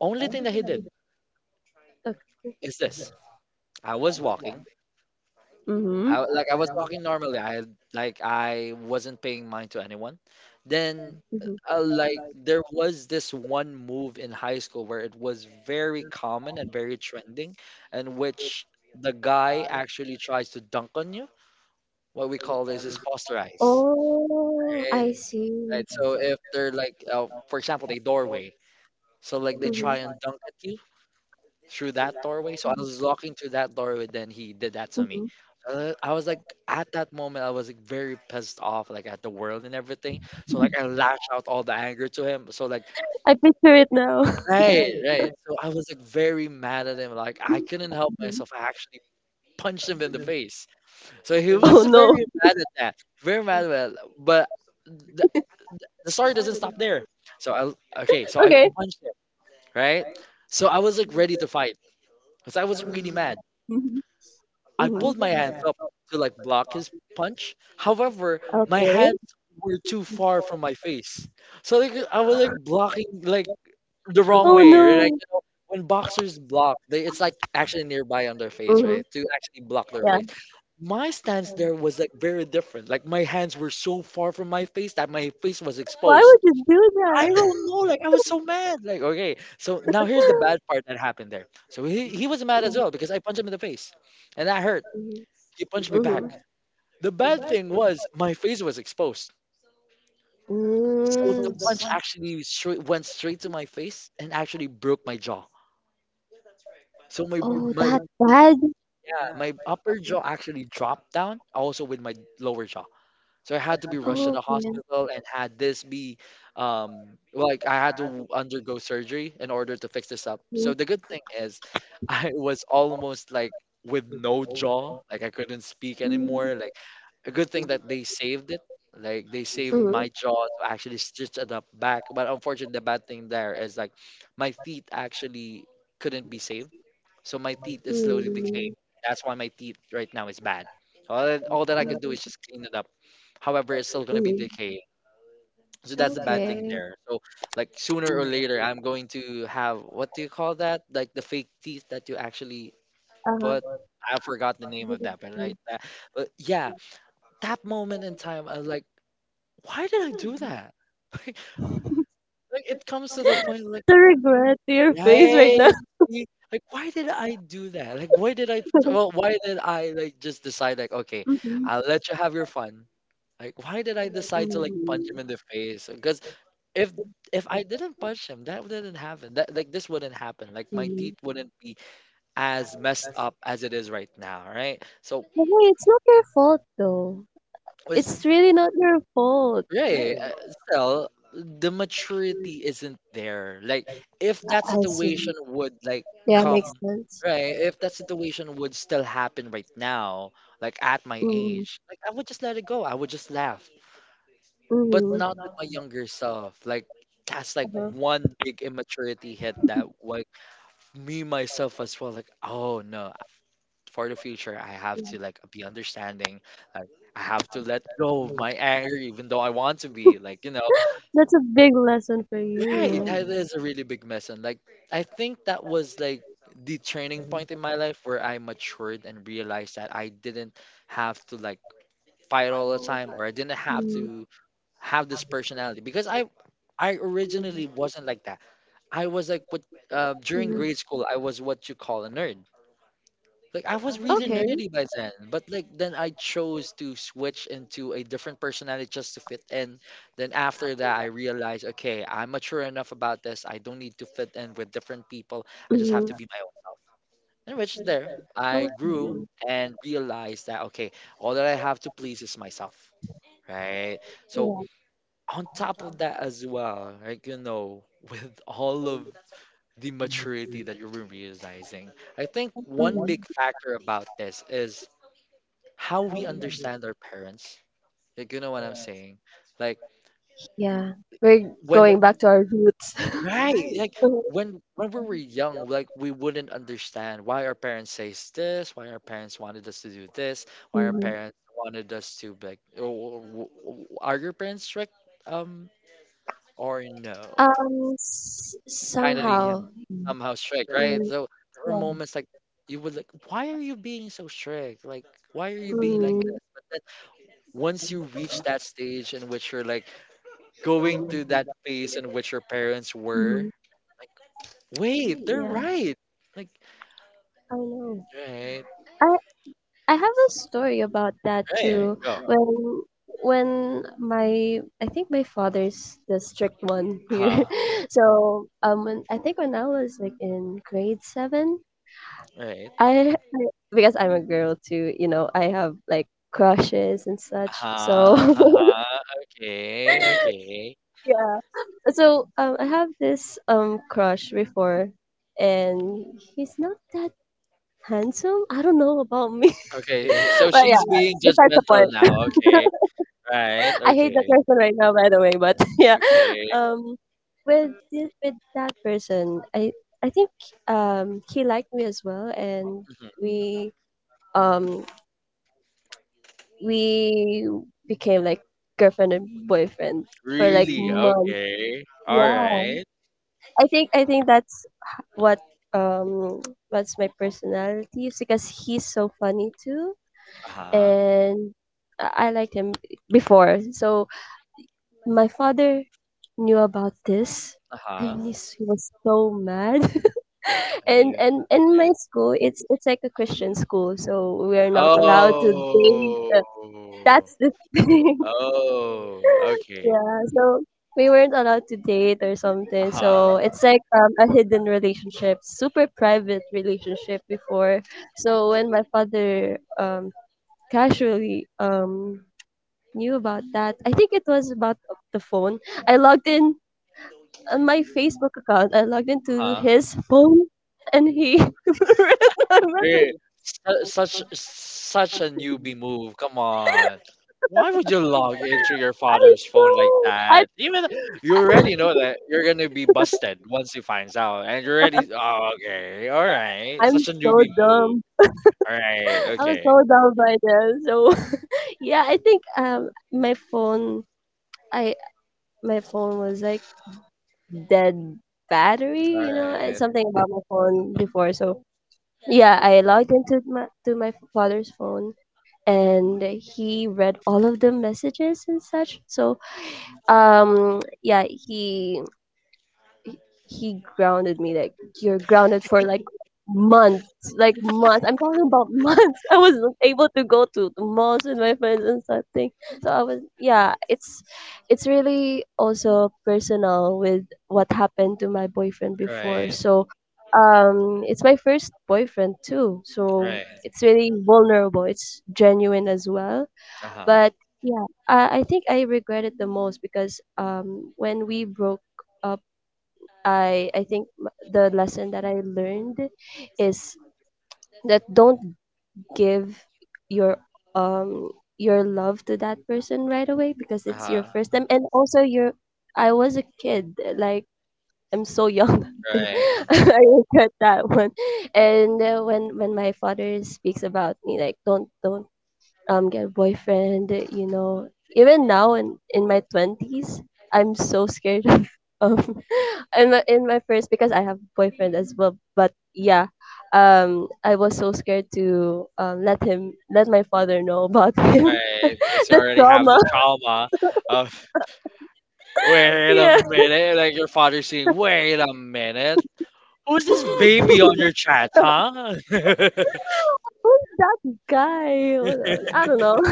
[SPEAKER 1] Only thing that he did
[SPEAKER 2] Okay.
[SPEAKER 1] is this. I was walking. I w- like I was walking normally. I had- like I wasn't paying mind to anyone. Then
[SPEAKER 2] Mhm.
[SPEAKER 1] like there was this one move in high school where it was very common and very trending, and which the guy actually tries to dunk on. What we call this is posterize.
[SPEAKER 2] Oh,
[SPEAKER 1] Right.
[SPEAKER 2] I see.
[SPEAKER 1] Right. So if they're like, example, they so like they
[SPEAKER 2] Mhm.
[SPEAKER 1] try and dunk at you. Wait, so I was walking through that doorway, then he did me.
[SPEAKER 2] Mhm.
[SPEAKER 1] I was like, at that moment, I was like very pissed off like at the world and everything. So like I lashed out all the anger to him. So like
[SPEAKER 2] I picture it now. <laughs>
[SPEAKER 1] right, right. So I was like very mad at him. Like I couldn't help myself. I actually punched him in the face. So he
[SPEAKER 2] Oh
[SPEAKER 1] was very
[SPEAKER 2] no.
[SPEAKER 1] mad at that. Very mad at that. But the, the story doesn't stop there. So I okay, so I
[SPEAKER 2] Okay.
[SPEAKER 1] punched him, right? So I was like ready to fight because I was really mad.
[SPEAKER 2] Mhm.
[SPEAKER 1] I pulled my
[SPEAKER 2] Mhm.
[SPEAKER 1] hands up to like block his punch. However, my
[SPEAKER 2] Okay.
[SPEAKER 1] hands were too far from my face. So like I was like blocking like the wrong
[SPEAKER 2] Oh
[SPEAKER 1] way, right? Like
[SPEAKER 2] no.
[SPEAKER 1] when boxers block, they it's like actually nearby on their face,
[SPEAKER 2] Mhm.
[SPEAKER 1] right? To actually block their
[SPEAKER 2] Yeah.
[SPEAKER 1] face. My stance there was like very different. Like my hands were so far from my face that my face was
[SPEAKER 2] Why
[SPEAKER 1] exposed.
[SPEAKER 2] would you do
[SPEAKER 1] I
[SPEAKER 2] that?
[SPEAKER 1] don't know, like I was so mad. Like, okay. Now here's the bad part that happened there. He was mad as
[SPEAKER 2] Mhm.
[SPEAKER 1] well because I punched him in the face and that hurt. He punched me
[SPEAKER 2] Mhm.
[SPEAKER 1] back.
[SPEAKER 2] Mhm.
[SPEAKER 1] The bad thing was my face was exposed. So the
[SPEAKER 2] Mm.
[SPEAKER 1] punch actually straight, went straight to my face and actually broke my jaw. So my
[SPEAKER 2] Oh,
[SPEAKER 1] my
[SPEAKER 2] that bad?
[SPEAKER 1] yeah, my upper jaw actually dropped down also with lower jaw. So I had to be rushed to
[SPEAKER 2] Oh,
[SPEAKER 1] the
[SPEAKER 2] yeah.
[SPEAKER 1] hospital and had this be like I had to undergo surgery in order to fix this up.
[SPEAKER 2] Mm.
[SPEAKER 1] So the good thing is <laughs> I was almost like with no jaw, like I couldn't speak
[SPEAKER 2] Mm.
[SPEAKER 1] anymore. Like a good thing that they saved. Like they saved
[SPEAKER 2] Mm.
[SPEAKER 1] my jaw to actually stitch it up back. But unfortunately, the bad thing there is like my teeth actually couldn't be saved. So my teeth is slowly decaying.
[SPEAKER 2] Mm.
[SPEAKER 1] That's why my teeth right now is bad. So, all that, all that I could do is
[SPEAKER 2] Mm.
[SPEAKER 1] just clean it up. However, it's still be
[SPEAKER 2] Mm.
[SPEAKER 1] decaying. So that's the bad thing there. So sooner or later I'm going to have what do you call that? Like the fake teeth that you actually
[SPEAKER 2] Uh-huh.
[SPEAKER 1] what I forgot the name of that,
[SPEAKER 2] <laughs>
[SPEAKER 1] but like that. But yeah, that moment in time, I was like, why did I do that? <laughs> Like, it comes to the point like
[SPEAKER 2] The
[SPEAKER 1] Mhm.
[SPEAKER 2] regret to your face right now.
[SPEAKER 1] Right? See, like why did I do that? Like
[SPEAKER 2] <laughs>
[SPEAKER 1] why did I like just decide like okay,
[SPEAKER 2] Mhm.
[SPEAKER 1] I'll let you have your fun. Like why did I decide to like punch him
[SPEAKER 2] Mhm.
[SPEAKER 1] in the face? Because if if I didn't punch him, that wouldn't happen. That like this wouldn't happen. Like my
[SPEAKER 2] Mhm.
[SPEAKER 1] teeth wouldn't be as messed up as it is right now, right? So
[SPEAKER 2] But hey, it's not your fault though.
[SPEAKER 1] it's
[SPEAKER 2] It's really not your fault.
[SPEAKER 1] right. Still, the maturity isn't there. Like if that
[SPEAKER 2] I
[SPEAKER 1] situation
[SPEAKER 2] see.
[SPEAKER 1] would like
[SPEAKER 2] Yeah, makes
[SPEAKER 1] come
[SPEAKER 2] sense.
[SPEAKER 1] right if that situation would still right now like at my
[SPEAKER 2] Mm-hmm.
[SPEAKER 1] age like I would just let it go, I would
[SPEAKER 2] Mm-hmm.
[SPEAKER 1] not with my younger self like that's
[SPEAKER 2] Uh-huh.
[SPEAKER 1] one big immaturity that like me myself as well like oh no, for the future I have to like be understanding like I have to let go of my anger even though I want to be like you know
[SPEAKER 2] That's a big lesson for
[SPEAKER 1] right
[SPEAKER 2] you.
[SPEAKER 1] that is a really big mess and like I that was like the turning point in my life where I matured and realized that I didn't have to like fight all the time or I didn't have
[SPEAKER 2] Mm-hmm.
[SPEAKER 1] to have this personality because I originally wasn't like that. I was like what during
[SPEAKER 2] Mm-hmm.
[SPEAKER 1] grade school I was what you call a nerd. Like I was really
[SPEAKER 2] Okay.
[SPEAKER 1] nerdy by then, but then I chose to switch into a different personality just and then after that I realized okay, I'm mature enough about this. I don't need to fit in with different people. I just have to
[SPEAKER 2] Mm-hmm.
[SPEAKER 1] be my own. And which there, I
[SPEAKER 2] Okay.
[SPEAKER 1] grew and realized that, okay, all that I have to please is myself, right? So,
[SPEAKER 2] Yeah.
[SPEAKER 1] on top of that as well, like, you know, <laughs> with all of the maturity that you will realize, I think one big
[SPEAKER 2] Mm-hmm.
[SPEAKER 1] factor about this is how we understand our parents. Like, you know what I'm saying?
[SPEAKER 2] Yeah. We're
[SPEAKER 1] When,
[SPEAKER 2] going back to our roots.
[SPEAKER 1] right, like,
[SPEAKER 2] <laughs>
[SPEAKER 1] when we were young, like we wouldn't understand why our parents says this, why our parents wanted us to do why our
[SPEAKER 2] Mm-hmm.
[SPEAKER 1] parents wanted us to be like, oh, are your parents strict? Um, or no? Kind of lenient,
[SPEAKER 2] Somehow.
[SPEAKER 1] somehow strict, right? So there were moments like you would like, why are you being so strict? Like me like this.
[SPEAKER 2] Mm-hmm.
[SPEAKER 1] But then once you reach that stage in which you're like going to that phase in which your parents were,
[SPEAKER 2] Mhm.
[SPEAKER 1] like, wait, they're
[SPEAKER 2] Yeah,
[SPEAKER 1] right. Like,
[SPEAKER 2] I know.
[SPEAKER 1] right,
[SPEAKER 2] I I have a story about that
[SPEAKER 1] right,
[SPEAKER 2] too.
[SPEAKER 1] go.
[SPEAKER 2] When when my I think my father's the strict one here.
[SPEAKER 1] Huh.
[SPEAKER 2] <laughs> So, when, I think when I was like in grade 7,
[SPEAKER 1] Right.
[SPEAKER 2] I because I'm a girl too. You know, I have like crushes and such.
[SPEAKER 1] Uh-huh.
[SPEAKER 2] So,
[SPEAKER 1] Uh-huh. Okay.
[SPEAKER 2] <laughs>
[SPEAKER 1] Okay.
[SPEAKER 2] yeah. So, I have this, crush before, and he's not that— Handsome? I don't know about me. <laughs>
[SPEAKER 1] Okay.
[SPEAKER 2] Well. So yeah, besides the point.
[SPEAKER 1] Judgmental now, okay.
[SPEAKER 2] <laughs>
[SPEAKER 1] Right.
[SPEAKER 2] I hate that
[SPEAKER 1] Okay.
[SPEAKER 2] person right now, by the way. But <laughs> yeah,
[SPEAKER 1] Okay.
[SPEAKER 2] um, with that person, I think he liked me as well, and we um we became like girlfriend and boyfriend for like
[SPEAKER 1] Really?
[SPEAKER 2] months.
[SPEAKER 1] Okay.
[SPEAKER 2] Yeah,
[SPEAKER 1] Right?
[SPEAKER 2] I think that's h- what um <tsk> what's my personality is because he's so funny too, and I liked him before. So my father knew about this, <laughs>
[SPEAKER 1] Uh-huh.
[SPEAKER 2] and he was so mad. <laughs> and
[SPEAKER 1] Okay.
[SPEAKER 2] and in my
[SPEAKER 1] Okay.
[SPEAKER 2] school, it's like a Christian school, so we are not allowed to date.
[SPEAKER 1] Oh.
[SPEAKER 2] That's the thing.
[SPEAKER 1] Oh.
[SPEAKER 2] <laughs>
[SPEAKER 1] Okay.
[SPEAKER 2] Yeah, so we weren't allowed to date or something.
[SPEAKER 1] Uh-huh.
[SPEAKER 2] So it's like, a hidden relationship, super private relationship before. So when my father casually knew about that. I think it was about the phone. I logged in on my Facebook account. I logged into
[SPEAKER 1] Uh-huh.
[SPEAKER 2] his phone, and he <laughs> read my
[SPEAKER 1] Eh,
[SPEAKER 2] message.
[SPEAKER 1] such such a newbie move. Come on. Why would you log into your
[SPEAKER 2] I
[SPEAKER 1] father's phone like
[SPEAKER 2] know. I
[SPEAKER 1] that? Even you already know that you're gonna be busted once he finds out, and you're already. Oh, okay. All right.
[SPEAKER 2] I'm
[SPEAKER 1] Such a
[SPEAKER 2] so
[SPEAKER 1] newbie move.
[SPEAKER 2] dumb.
[SPEAKER 1] All right.
[SPEAKER 2] <laughs> I was
[SPEAKER 1] Okay.
[SPEAKER 2] so dumb by then. So <laughs> yeah, I think I my phone was like dead battery, you know, and
[SPEAKER 1] Right,
[SPEAKER 2] something about my phone before. So yeah, I logged into my to my father's phone, and he read all of the messages and such. So yeah, he grounded me like you're grounded for like months, like months, I'm talking about <laughs> months. I wasn't able to go to the malls with my friends and something. So I was yeah, it's really also personal with what happened to my boyfriend
[SPEAKER 1] right,
[SPEAKER 2] before. So it's my first boyfriend too, so it's really vulnerable, it's genuine as well. But yeah, I think I regret it the most because when we broke up, I think the lesson that I learned is that don't give your um your love to that person right away because it's your first time. And also your I was a kid, like I'm so young <laughs> that time.
[SPEAKER 1] right,
[SPEAKER 2] <laughs> I regret that one. And when my father speaks about me like don't get a boyfriend, you know even now in my 20s, I'm so scared of <laughs> um in my first, because I have boyfriend as well. But yeah, I was so scared to let my father know about him.
[SPEAKER 1] right.
[SPEAKER 2] <laughs> The
[SPEAKER 1] Have
[SPEAKER 2] trauma.
[SPEAKER 1] the trauma of
[SPEAKER 2] <laughs>
[SPEAKER 1] wait a
[SPEAKER 2] Yeah.
[SPEAKER 1] minute, like your father saying, "Wait a minute, who's this baby on
[SPEAKER 2] <laughs>
[SPEAKER 1] your chat, huh?" <laughs>
[SPEAKER 2] Who's that guy? I don't know.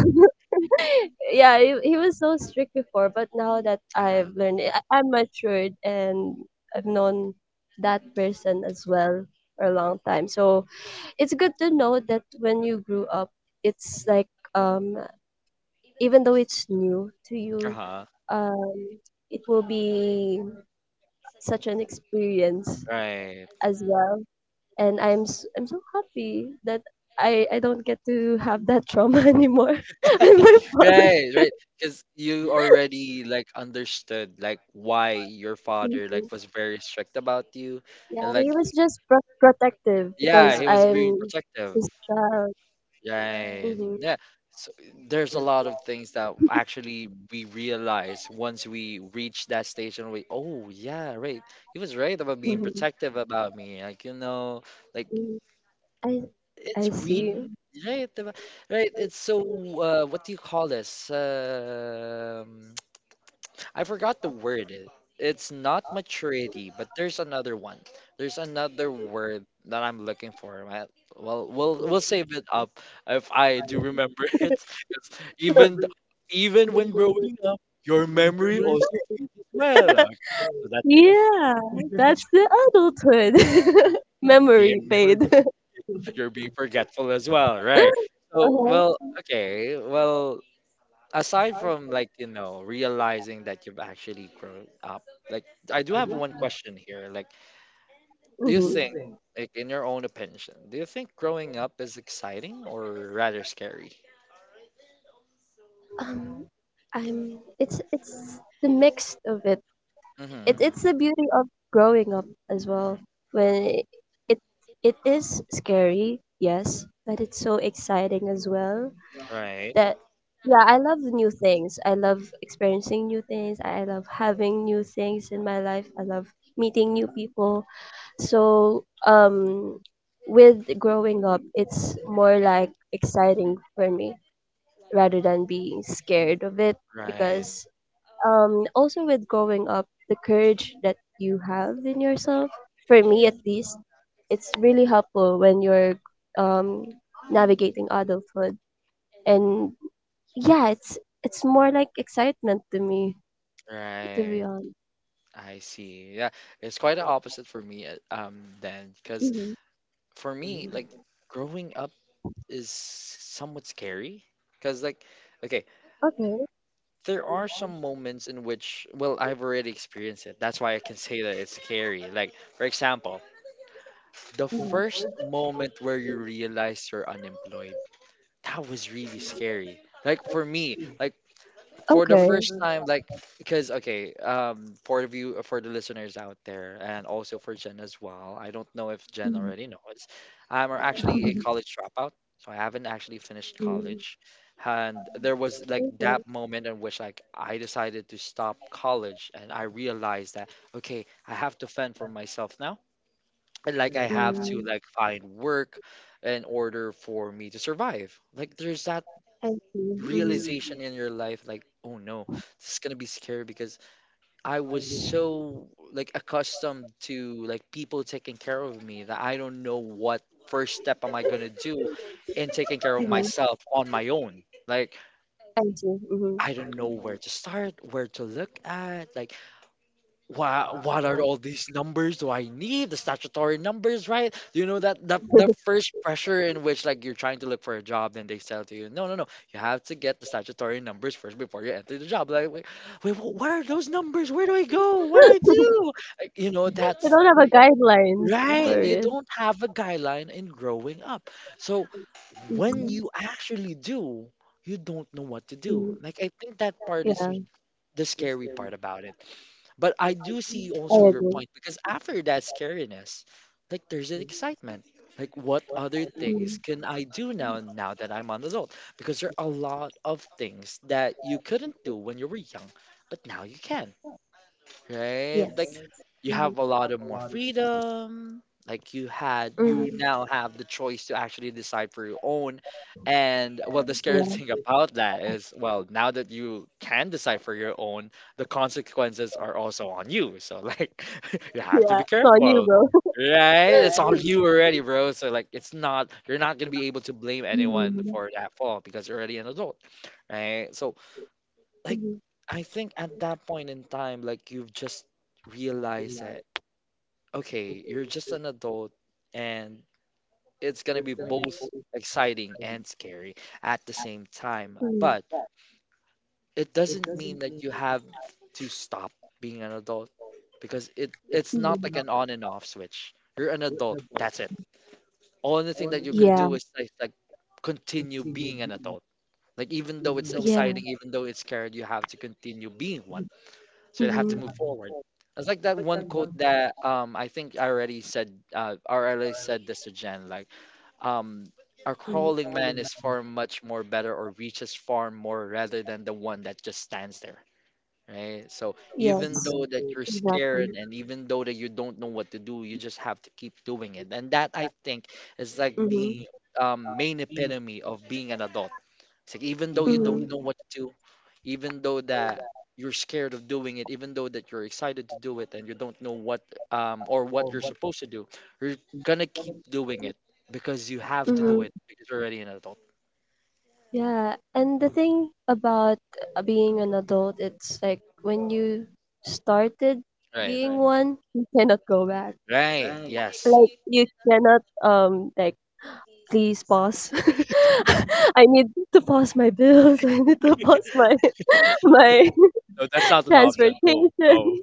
[SPEAKER 2] Yeah, he was so strict before, but now that I've learned it, I'm matured, and I've known that person as well for a long time. So it's good to know that when you grew up, it's like, um even though it's new to you, um it will be such an experience
[SPEAKER 1] Right,
[SPEAKER 2] as well. And I'm so happy that I don't get to have that trauma <laughs> anymore. <laughs> And my father.
[SPEAKER 1] right, right. Because you already like understood like why your father like was very you
[SPEAKER 2] Yeah, he was just protective because
[SPEAKER 1] being
[SPEAKER 2] I'm
[SPEAKER 1] protective.
[SPEAKER 2] his child.
[SPEAKER 1] Right. Yeah,
[SPEAKER 2] Mm-hmm.
[SPEAKER 1] so there's a lot of things that actually we realize once we reach that stage and we, oh yeah, right. He was right about being
[SPEAKER 2] Mm-hmm.
[SPEAKER 1] protective about me. Like, you know, like
[SPEAKER 2] hmm I I
[SPEAKER 1] it's
[SPEAKER 2] see.
[SPEAKER 1] really right, diba? Right. It's so what do you call this? I forgot the word. It's not maturity, but there's another one. There's another word that I'm looking for. Well, we'll save it up if I do remember <laughs> it. 'Cause even even when growing up, your memory also fades as well.
[SPEAKER 2] <laughs>
[SPEAKER 1] Okay, so that's
[SPEAKER 2] Yeah, <laughs>
[SPEAKER 1] <laughs>
[SPEAKER 2] that's the adulthood <laughs>
[SPEAKER 1] being
[SPEAKER 2] memory fade. <laughs>
[SPEAKER 1] you're being forgetful as well, right? So,
[SPEAKER 2] Uh-huh.
[SPEAKER 1] well, okay, well, aside from like you know realizing that you've actually grown up, like I do have one question here. Like, do you think,
[SPEAKER 2] hmm
[SPEAKER 1] like in your own opinion, do you think growing up is exciting or rather scary?
[SPEAKER 2] Um, I'm. It's the mix of it.
[SPEAKER 1] Hmm.
[SPEAKER 2] It's the beauty of growing up as well. When it, it is scary, yes, but it's so exciting as well.
[SPEAKER 1] Right,
[SPEAKER 2] That Yeah, I love new things. I love experiencing new things. I love having new things in my life. I love meeting new people. So with growing up, it's more like exciting for me rather than being scared of it, because also with growing up, the courage that you have in yourself, for me at least, it's really helpful when you're um navigating adulthood. And yeah, it's more like excitement to me, to
[SPEAKER 1] right.
[SPEAKER 2] be honest.
[SPEAKER 1] I see. Yeah, it's quite the opposite for me. Then because
[SPEAKER 2] Mhm.
[SPEAKER 1] for me, like growing up is somewhat scary. Because like, okay,
[SPEAKER 2] Okay.
[SPEAKER 1] there are some moments in which, well, I've already experienced it. That's why I can say that it's scary. Like, for example, the
[SPEAKER 2] Mhm.
[SPEAKER 1] first moment where you realize you're unemployed. That was really scary. Like for me, like for the
[SPEAKER 2] Okay.
[SPEAKER 1] first time, like because okay, for the view for the listeners out there, and also for Jen as well. I don't know if Jen
[SPEAKER 2] Mhm.
[SPEAKER 1] already knows. I'm actually a
[SPEAKER 2] <laughs>
[SPEAKER 1] college dropout, so I haven't actually finished
[SPEAKER 2] Mm.
[SPEAKER 1] college, and there was like
[SPEAKER 2] Okay.
[SPEAKER 1] that moment in which like I decided to stop college, and I realized that okay, I have to fend for myself now, and like I have to
[SPEAKER 2] Mm.
[SPEAKER 1] like find work in order for me to survive. Like there's that
[SPEAKER 2] I see.
[SPEAKER 1] realization
[SPEAKER 2] Mhm.
[SPEAKER 1] in your life like oh no this is gonna be scary because I was so like accustomed to like people taking care of me that I don't know what step am I gonna do in taking care of
[SPEAKER 2] Mhm.
[SPEAKER 1] myself on my own like
[SPEAKER 2] I see. Mhm.
[SPEAKER 1] I don't know where to start where to look at like what are all these numbers do I need statutory numbers, right? You know that the first pressure in which like you're trying to look for a job, then they tell to you, no, no, no, you have to get the statutory numbers first before you enter the job. Like, wait, wait what are those numbers? Where do I go? What do I
[SPEAKER 2] <laughs>
[SPEAKER 1] do? Like, you know, that's
[SPEAKER 2] You don't have a guideline
[SPEAKER 1] right.
[SPEAKER 2] for
[SPEAKER 1] You
[SPEAKER 2] it.
[SPEAKER 1] don't have a guideline in growing up, so when
[SPEAKER 2] Mhm.
[SPEAKER 1] you actually do, you don't know what to do.
[SPEAKER 2] Mhm.
[SPEAKER 1] Like I think that part is
[SPEAKER 2] Yeah.
[SPEAKER 1] the scary part about it. But I do see also
[SPEAKER 2] I
[SPEAKER 1] your
[SPEAKER 2] agree.
[SPEAKER 1] point because after that scariness, like there's an excitement. Like what other things
[SPEAKER 2] Mhm.
[SPEAKER 1] can I do now now that I'm an adult? Because there are a lot of things that you couldn't do when you were young, but now you can right?
[SPEAKER 2] Yes.
[SPEAKER 1] Like you
[SPEAKER 2] Mhm.
[SPEAKER 1] have a lot of more freedom. Like you had,
[SPEAKER 2] Mhm.
[SPEAKER 1] you now have the choice to actually decide for your own. And well, the
[SPEAKER 2] Yeah.
[SPEAKER 1] scary <laughs> thing about that is, well, now that you can decide for your own, the consequences are also on you. So like, <laughs> you have to
[SPEAKER 2] Yeah,
[SPEAKER 1] be
[SPEAKER 2] it's on you,
[SPEAKER 1] careful,
[SPEAKER 2] bro.
[SPEAKER 1] right? It's on
[SPEAKER 2] <laughs>
[SPEAKER 1] you already, bro. So like, it's not, you're not gonna be able to blame anyone
[SPEAKER 2] Mhm.
[SPEAKER 1] for that fault because you're already an adult, right? So like
[SPEAKER 2] Mhm.
[SPEAKER 1] I think at that point in time, like you've just realized that okay, you're just an adult and it's gonna be both exciting and scary at the same time.
[SPEAKER 2] Mhm.
[SPEAKER 1] But it doesn't mean that you have to stop being an adult because it it's not
[SPEAKER 2] Mhm.
[SPEAKER 1] like an on and off switch. You're an adult, that's it. Only thing that you could
[SPEAKER 2] Yeah.
[SPEAKER 1] do is like continue being an adult. Like even though it's
[SPEAKER 2] Yeah.
[SPEAKER 1] exciting, even though it's scary, you have to continue being one. So they have to
[SPEAKER 2] Mhm.
[SPEAKER 1] move forward. It's like that one quote that I think I already said or I already said this to Jen like um a
[SPEAKER 2] Mm.
[SPEAKER 1] crawling man is far much more better or reaches far more rather than the one that just stands there, right? So
[SPEAKER 2] Yes,
[SPEAKER 1] though that you're scared
[SPEAKER 2] exactly.
[SPEAKER 1] and even though that you don't know what to do, you just have to keep doing it. And that I think is like
[SPEAKER 2] Mm-hmm.
[SPEAKER 1] the main epitome of being an adult it's like even though you don't
[SPEAKER 2] Mm-hmm.
[SPEAKER 1] know what to do, even though that you're scared of doing it, even though that you're excited to do it and you don't know what or what you're supposed to do, you're gonna keep doing it because you have to do
[SPEAKER 2] Mm-hmm.
[SPEAKER 1] it because you're already an adult.
[SPEAKER 2] Yeah, and the thing about being an adult, it's like when you started being one, you cannot go back.
[SPEAKER 1] Right. Yeah.
[SPEAKER 2] Like you cannot, like, please pause. <laughs> I need to pause my bills. <laughs> I need to pause my <laughs> my
[SPEAKER 1] No, that's not
[SPEAKER 2] <laughs>
[SPEAKER 1] an option. No,
[SPEAKER 2] transportation.
[SPEAKER 1] no.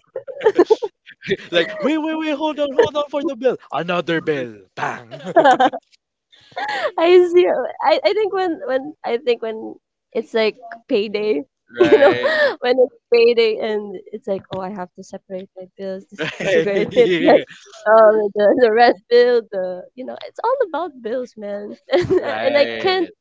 [SPEAKER 1] <laughs> like, wait, wait, wait, hold on, hold on for the bill. Another bill. Bang.
[SPEAKER 2] <laughs> I see. I think when I think when it's like payday, <laughs> you know,
[SPEAKER 1] Right.
[SPEAKER 2] when it's payday, and it's like, oh, I have to separate my bills, disregard <laughs> it,
[SPEAKER 1] <laughs>
[SPEAKER 2] like the rent bill, it's all about bills, man. <laughs> And I
[SPEAKER 1] Right.
[SPEAKER 2] can't.
[SPEAKER 1] Right.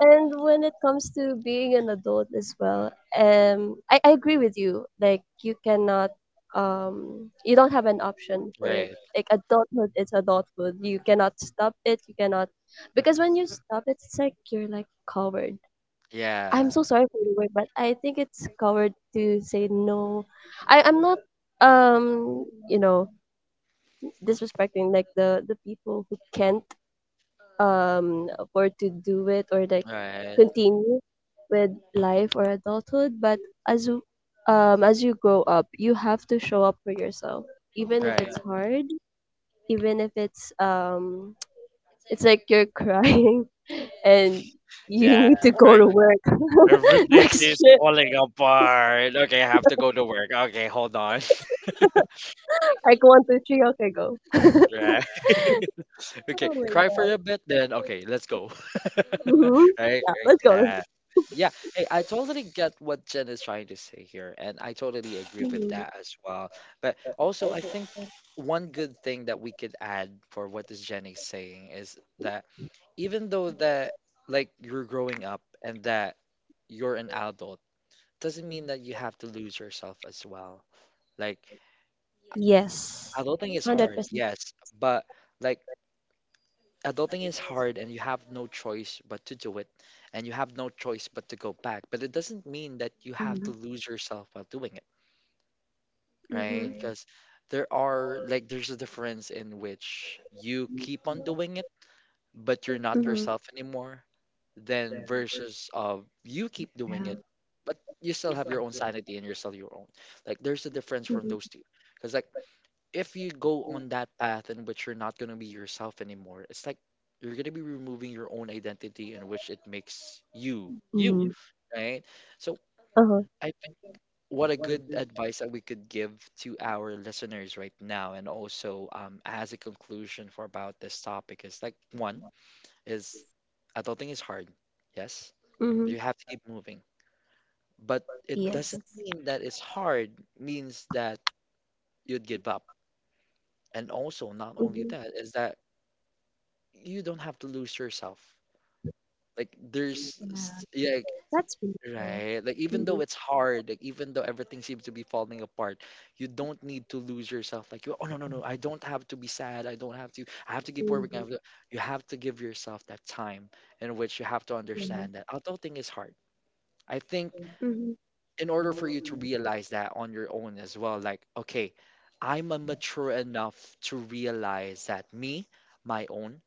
[SPEAKER 2] And when it comes to being an adult as well, I agree with you. Like you don't have an option for it.
[SPEAKER 1] Right.
[SPEAKER 2] Like adulthood is adulthood. You cannot stop it. You cannot, because when you stop it, it's like you're like coward.
[SPEAKER 1] Yeah.
[SPEAKER 2] I'm so sorry for the word, but I think it's coward to say no. I'm not um you know disrespecting like the people who can't for to do it, or like continue with life or adulthood. But as you- as you grow up, you have to show up for yourself even if it's hard, even if it's <tsk> it's like you're crying <laughs> and you need to go
[SPEAKER 1] Right.
[SPEAKER 2] to work. <laughs>
[SPEAKER 1] Everything
[SPEAKER 2] Next
[SPEAKER 1] is
[SPEAKER 2] year,
[SPEAKER 1] falling apart. Okay, okay.
[SPEAKER 2] like 1, 2, 3, okay, go. <laughs>
[SPEAKER 1] Right. <laughs> Okay.
[SPEAKER 2] Oh my
[SPEAKER 1] Cry for
[SPEAKER 2] god.
[SPEAKER 1] a bit, then okay, let's go. <laughs>
[SPEAKER 2] hmm
[SPEAKER 1] Right.
[SPEAKER 2] yeah, let's go, let's go.
[SPEAKER 1] That. Yeah. Hey, I totally get what Jen is trying to say here, and I totally agree with
[SPEAKER 2] Mhm.
[SPEAKER 1] that as well. But also, I think one good thing that we could add for what is Jenny saying is that even though that like you're growing up and that you're an adult, doesn't mean that you have to lose yourself as well. Like
[SPEAKER 2] Yes.
[SPEAKER 1] adulting is
[SPEAKER 2] 100%
[SPEAKER 1] hard,
[SPEAKER 2] percent.
[SPEAKER 1] yes, but like adulting is hard and you have choice but to do it, and you have no choice but to go back. But it doesn't mean that you have to lose yourself while doing it,
[SPEAKER 2] Hmm.
[SPEAKER 1] right? Because there are like there's a difference in which you keep on doing it, but you're not
[SPEAKER 2] Hmm.
[SPEAKER 1] yourself anymore, then versus of you keep doing
[SPEAKER 2] Yeah.
[SPEAKER 1] it, but you still have your own sanity and you're still your own. Like there's a difference from
[SPEAKER 2] Mhm.
[SPEAKER 1] those two. Because like if you go on that path in which you're not gonna be yourself anymore, it's like you're gonna be removing your own identity you,
[SPEAKER 2] Mhm.
[SPEAKER 1] right? So
[SPEAKER 2] Uh-huh.
[SPEAKER 1] I think what a good advice that we could give to our listeners right now, and also as a conclusion for about this topic is like one is adulting is hard, yes, but
[SPEAKER 2] Mhm.
[SPEAKER 1] you have to keep moving. But it
[SPEAKER 2] Yes.
[SPEAKER 1] doesn't mean hard means that you'd give up. And also, not only
[SPEAKER 2] Mhm.
[SPEAKER 1] that, is that you don't have to lose yourself. Like there's
[SPEAKER 2] Yeah.
[SPEAKER 1] yeah, like,
[SPEAKER 2] That's wonderful.
[SPEAKER 1] right. Like
[SPEAKER 2] So.
[SPEAKER 1] even though
[SPEAKER 2] Mhm.
[SPEAKER 1] it's hard, like even though falling apart, you don't need to lose yourself. Like you, oh no no no, I don't have to be sad. I don't have to. I have to keep working. I
[SPEAKER 2] Mhm.
[SPEAKER 1] have to, you have to give yourself that time in which you have to
[SPEAKER 2] Yeah.
[SPEAKER 1] understand that adulting is hard. I think
[SPEAKER 2] Mhm.
[SPEAKER 1] in order for you to realize that on your own as well, like okay, I'm a mature enough to realize that me, my own,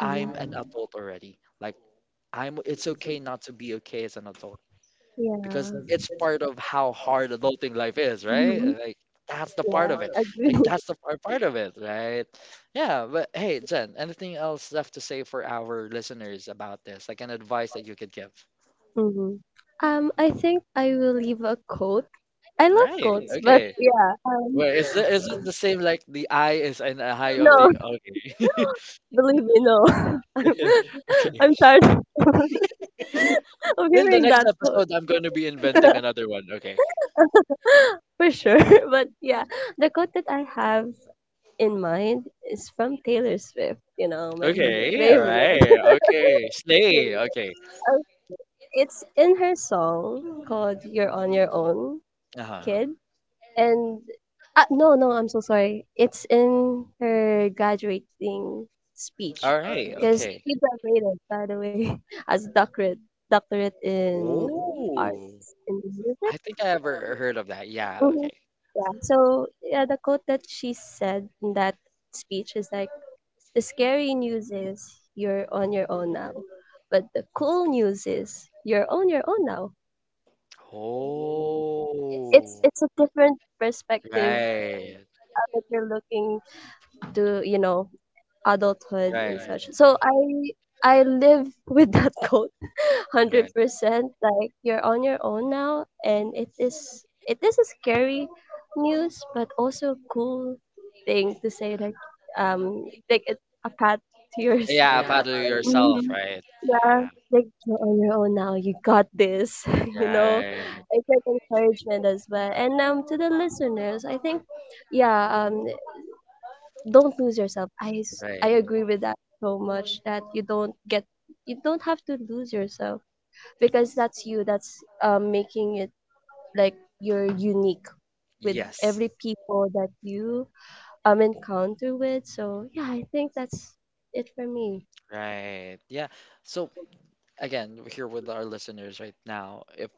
[SPEAKER 2] Mhm.
[SPEAKER 1] an adult already. Like I'm it's okay not to be okay as an adult
[SPEAKER 2] Yeah.
[SPEAKER 1] because it's part of how hard adulting life is, right?
[SPEAKER 2] Mhm.
[SPEAKER 1] Like part of
[SPEAKER 2] Yeah.
[SPEAKER 1] it. Like
[SPEAKER 2] Agree.
[SPEAKER 1] that's the part part of it, right? Yeah, but hey, Jen, anything else left to say for our listeners about this? Like an advice that you could give?
[SPEAKER 2] Mhm. I think I will leave a quote. I love quotes, but
[SPEAKER 1] Okay.
[SPEAKER 2] yeah.
[SPEAKER 1] Well, is it the same like the I is in a high
[SPEAKER 2] No,
[SPEAKER 1] the
[SPEAKER 2] <laughs>
[SPEAKER 1] okay. <laughs>
[SPEAKER 2] believe me, no. <laughs> I'm,
[SPEAKER 1] Okay.
[SPEAKER 2] I'm tired <laughs> of
[SPEAKER 1] In the
[SPEAKER 2] hearing
[SPEAKER 1] next
[SPEAKER 2] that quote
[SPEAKER 1] episode I'm gonna be inventing another one. Okay.
[SPEAKER 2] <laughs> for sure. <laughs> But yeah, the quote that I have in mind is from Taylor Swift, you know my favorite.
[SPEAKER 1] Okay. Slay. Okay.
[SPEAKER 2] Uh, It's in her song called You're on Your Own,
[SPEAKER 1] Uh-huh.
[SPEAKER 2] Kid. And no, no, I'm so sorry. It's in her graduating speech, because she graduated, by the way, <laughs> as doctorate, in arts in music.
[SPEAKER 1] Yeah,
[SPEAKER 2] Mhm.
[SPEAKER 1] okay.
[SPEAKER 2] Yeah. So yeah, the quote that she said in that speech is like, the scary news is you're on your own now. But the cool news is you're on your own now.
[SPEAKER 1] Oh
[SPEAKER 2] It's a different perspective that you're looking to, adulthood and
[SPEAKER 1] right.
[SPEAKER 2] such. So I live with that <laughs> quote 100%. Like you're on your own now, and it is a scary news, but also a cool thing to say. Like like, it's a path <laughs> to yours. Mhm. Yeah, like you're on your own now. You got this. <laughs> You know, it's like encouragement as well. And to the listeners, I think, yeah, don't lose yourself. I agree with that so much. That you don't have to lose yourself because that's you. That's making it like you're unique with
[SPEAKER 1] Yeah,
[SPEAKER 2] every people that you encounter with. So yeah, I think that's it for me.
[SPEAKER 1] right. Yeah. So again, we're here with our listeners right now. If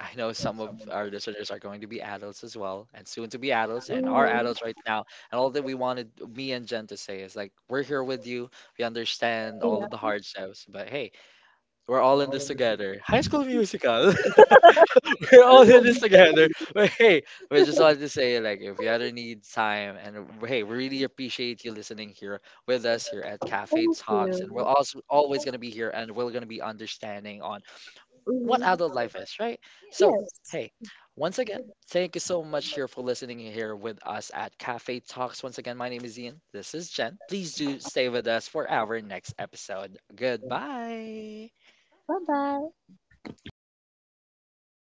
[SPEAKER 1] I know some of our listeners are going to be adults as well, and soon to be adults, and are
[SPEAKER 2] Hmm.
[SPEAKER 1] adults right now. And all that we wanted me and Jen to say is like, we're here with you. We understand all
[SPEAKER 2] Yeah.
[SPEAKER 1] of the hardships, but hey, we're all in this together. High School Musical. <laughs> We're all in this
[SPEAKER 2] <laughs>
[SPEAKER 1] together. But hey, we just wanted to say like, if you ever need time, and hey, we really appreciate you listening here with us here at Cafe
[SPEAKER 2] Thank
[SPEAKER 1] Talks,
[SPEAKER 2] you.
[SPEAKER 1] and we're also always gonna be here, and we're gonna be understanding on
[SPEAKER 2] Hmm.
[SPEAKER 1] what adult life is, right?
[SPEAKER 2] Yes.
[SPEAKER 1] Hey, once again, thank you so much here for listening here with us at Cafe Talks. Once again, my name is Ian. This is Jen. Please do stay with us for our next episode. Goodbye.
[SPEAKER 2] Bye bye.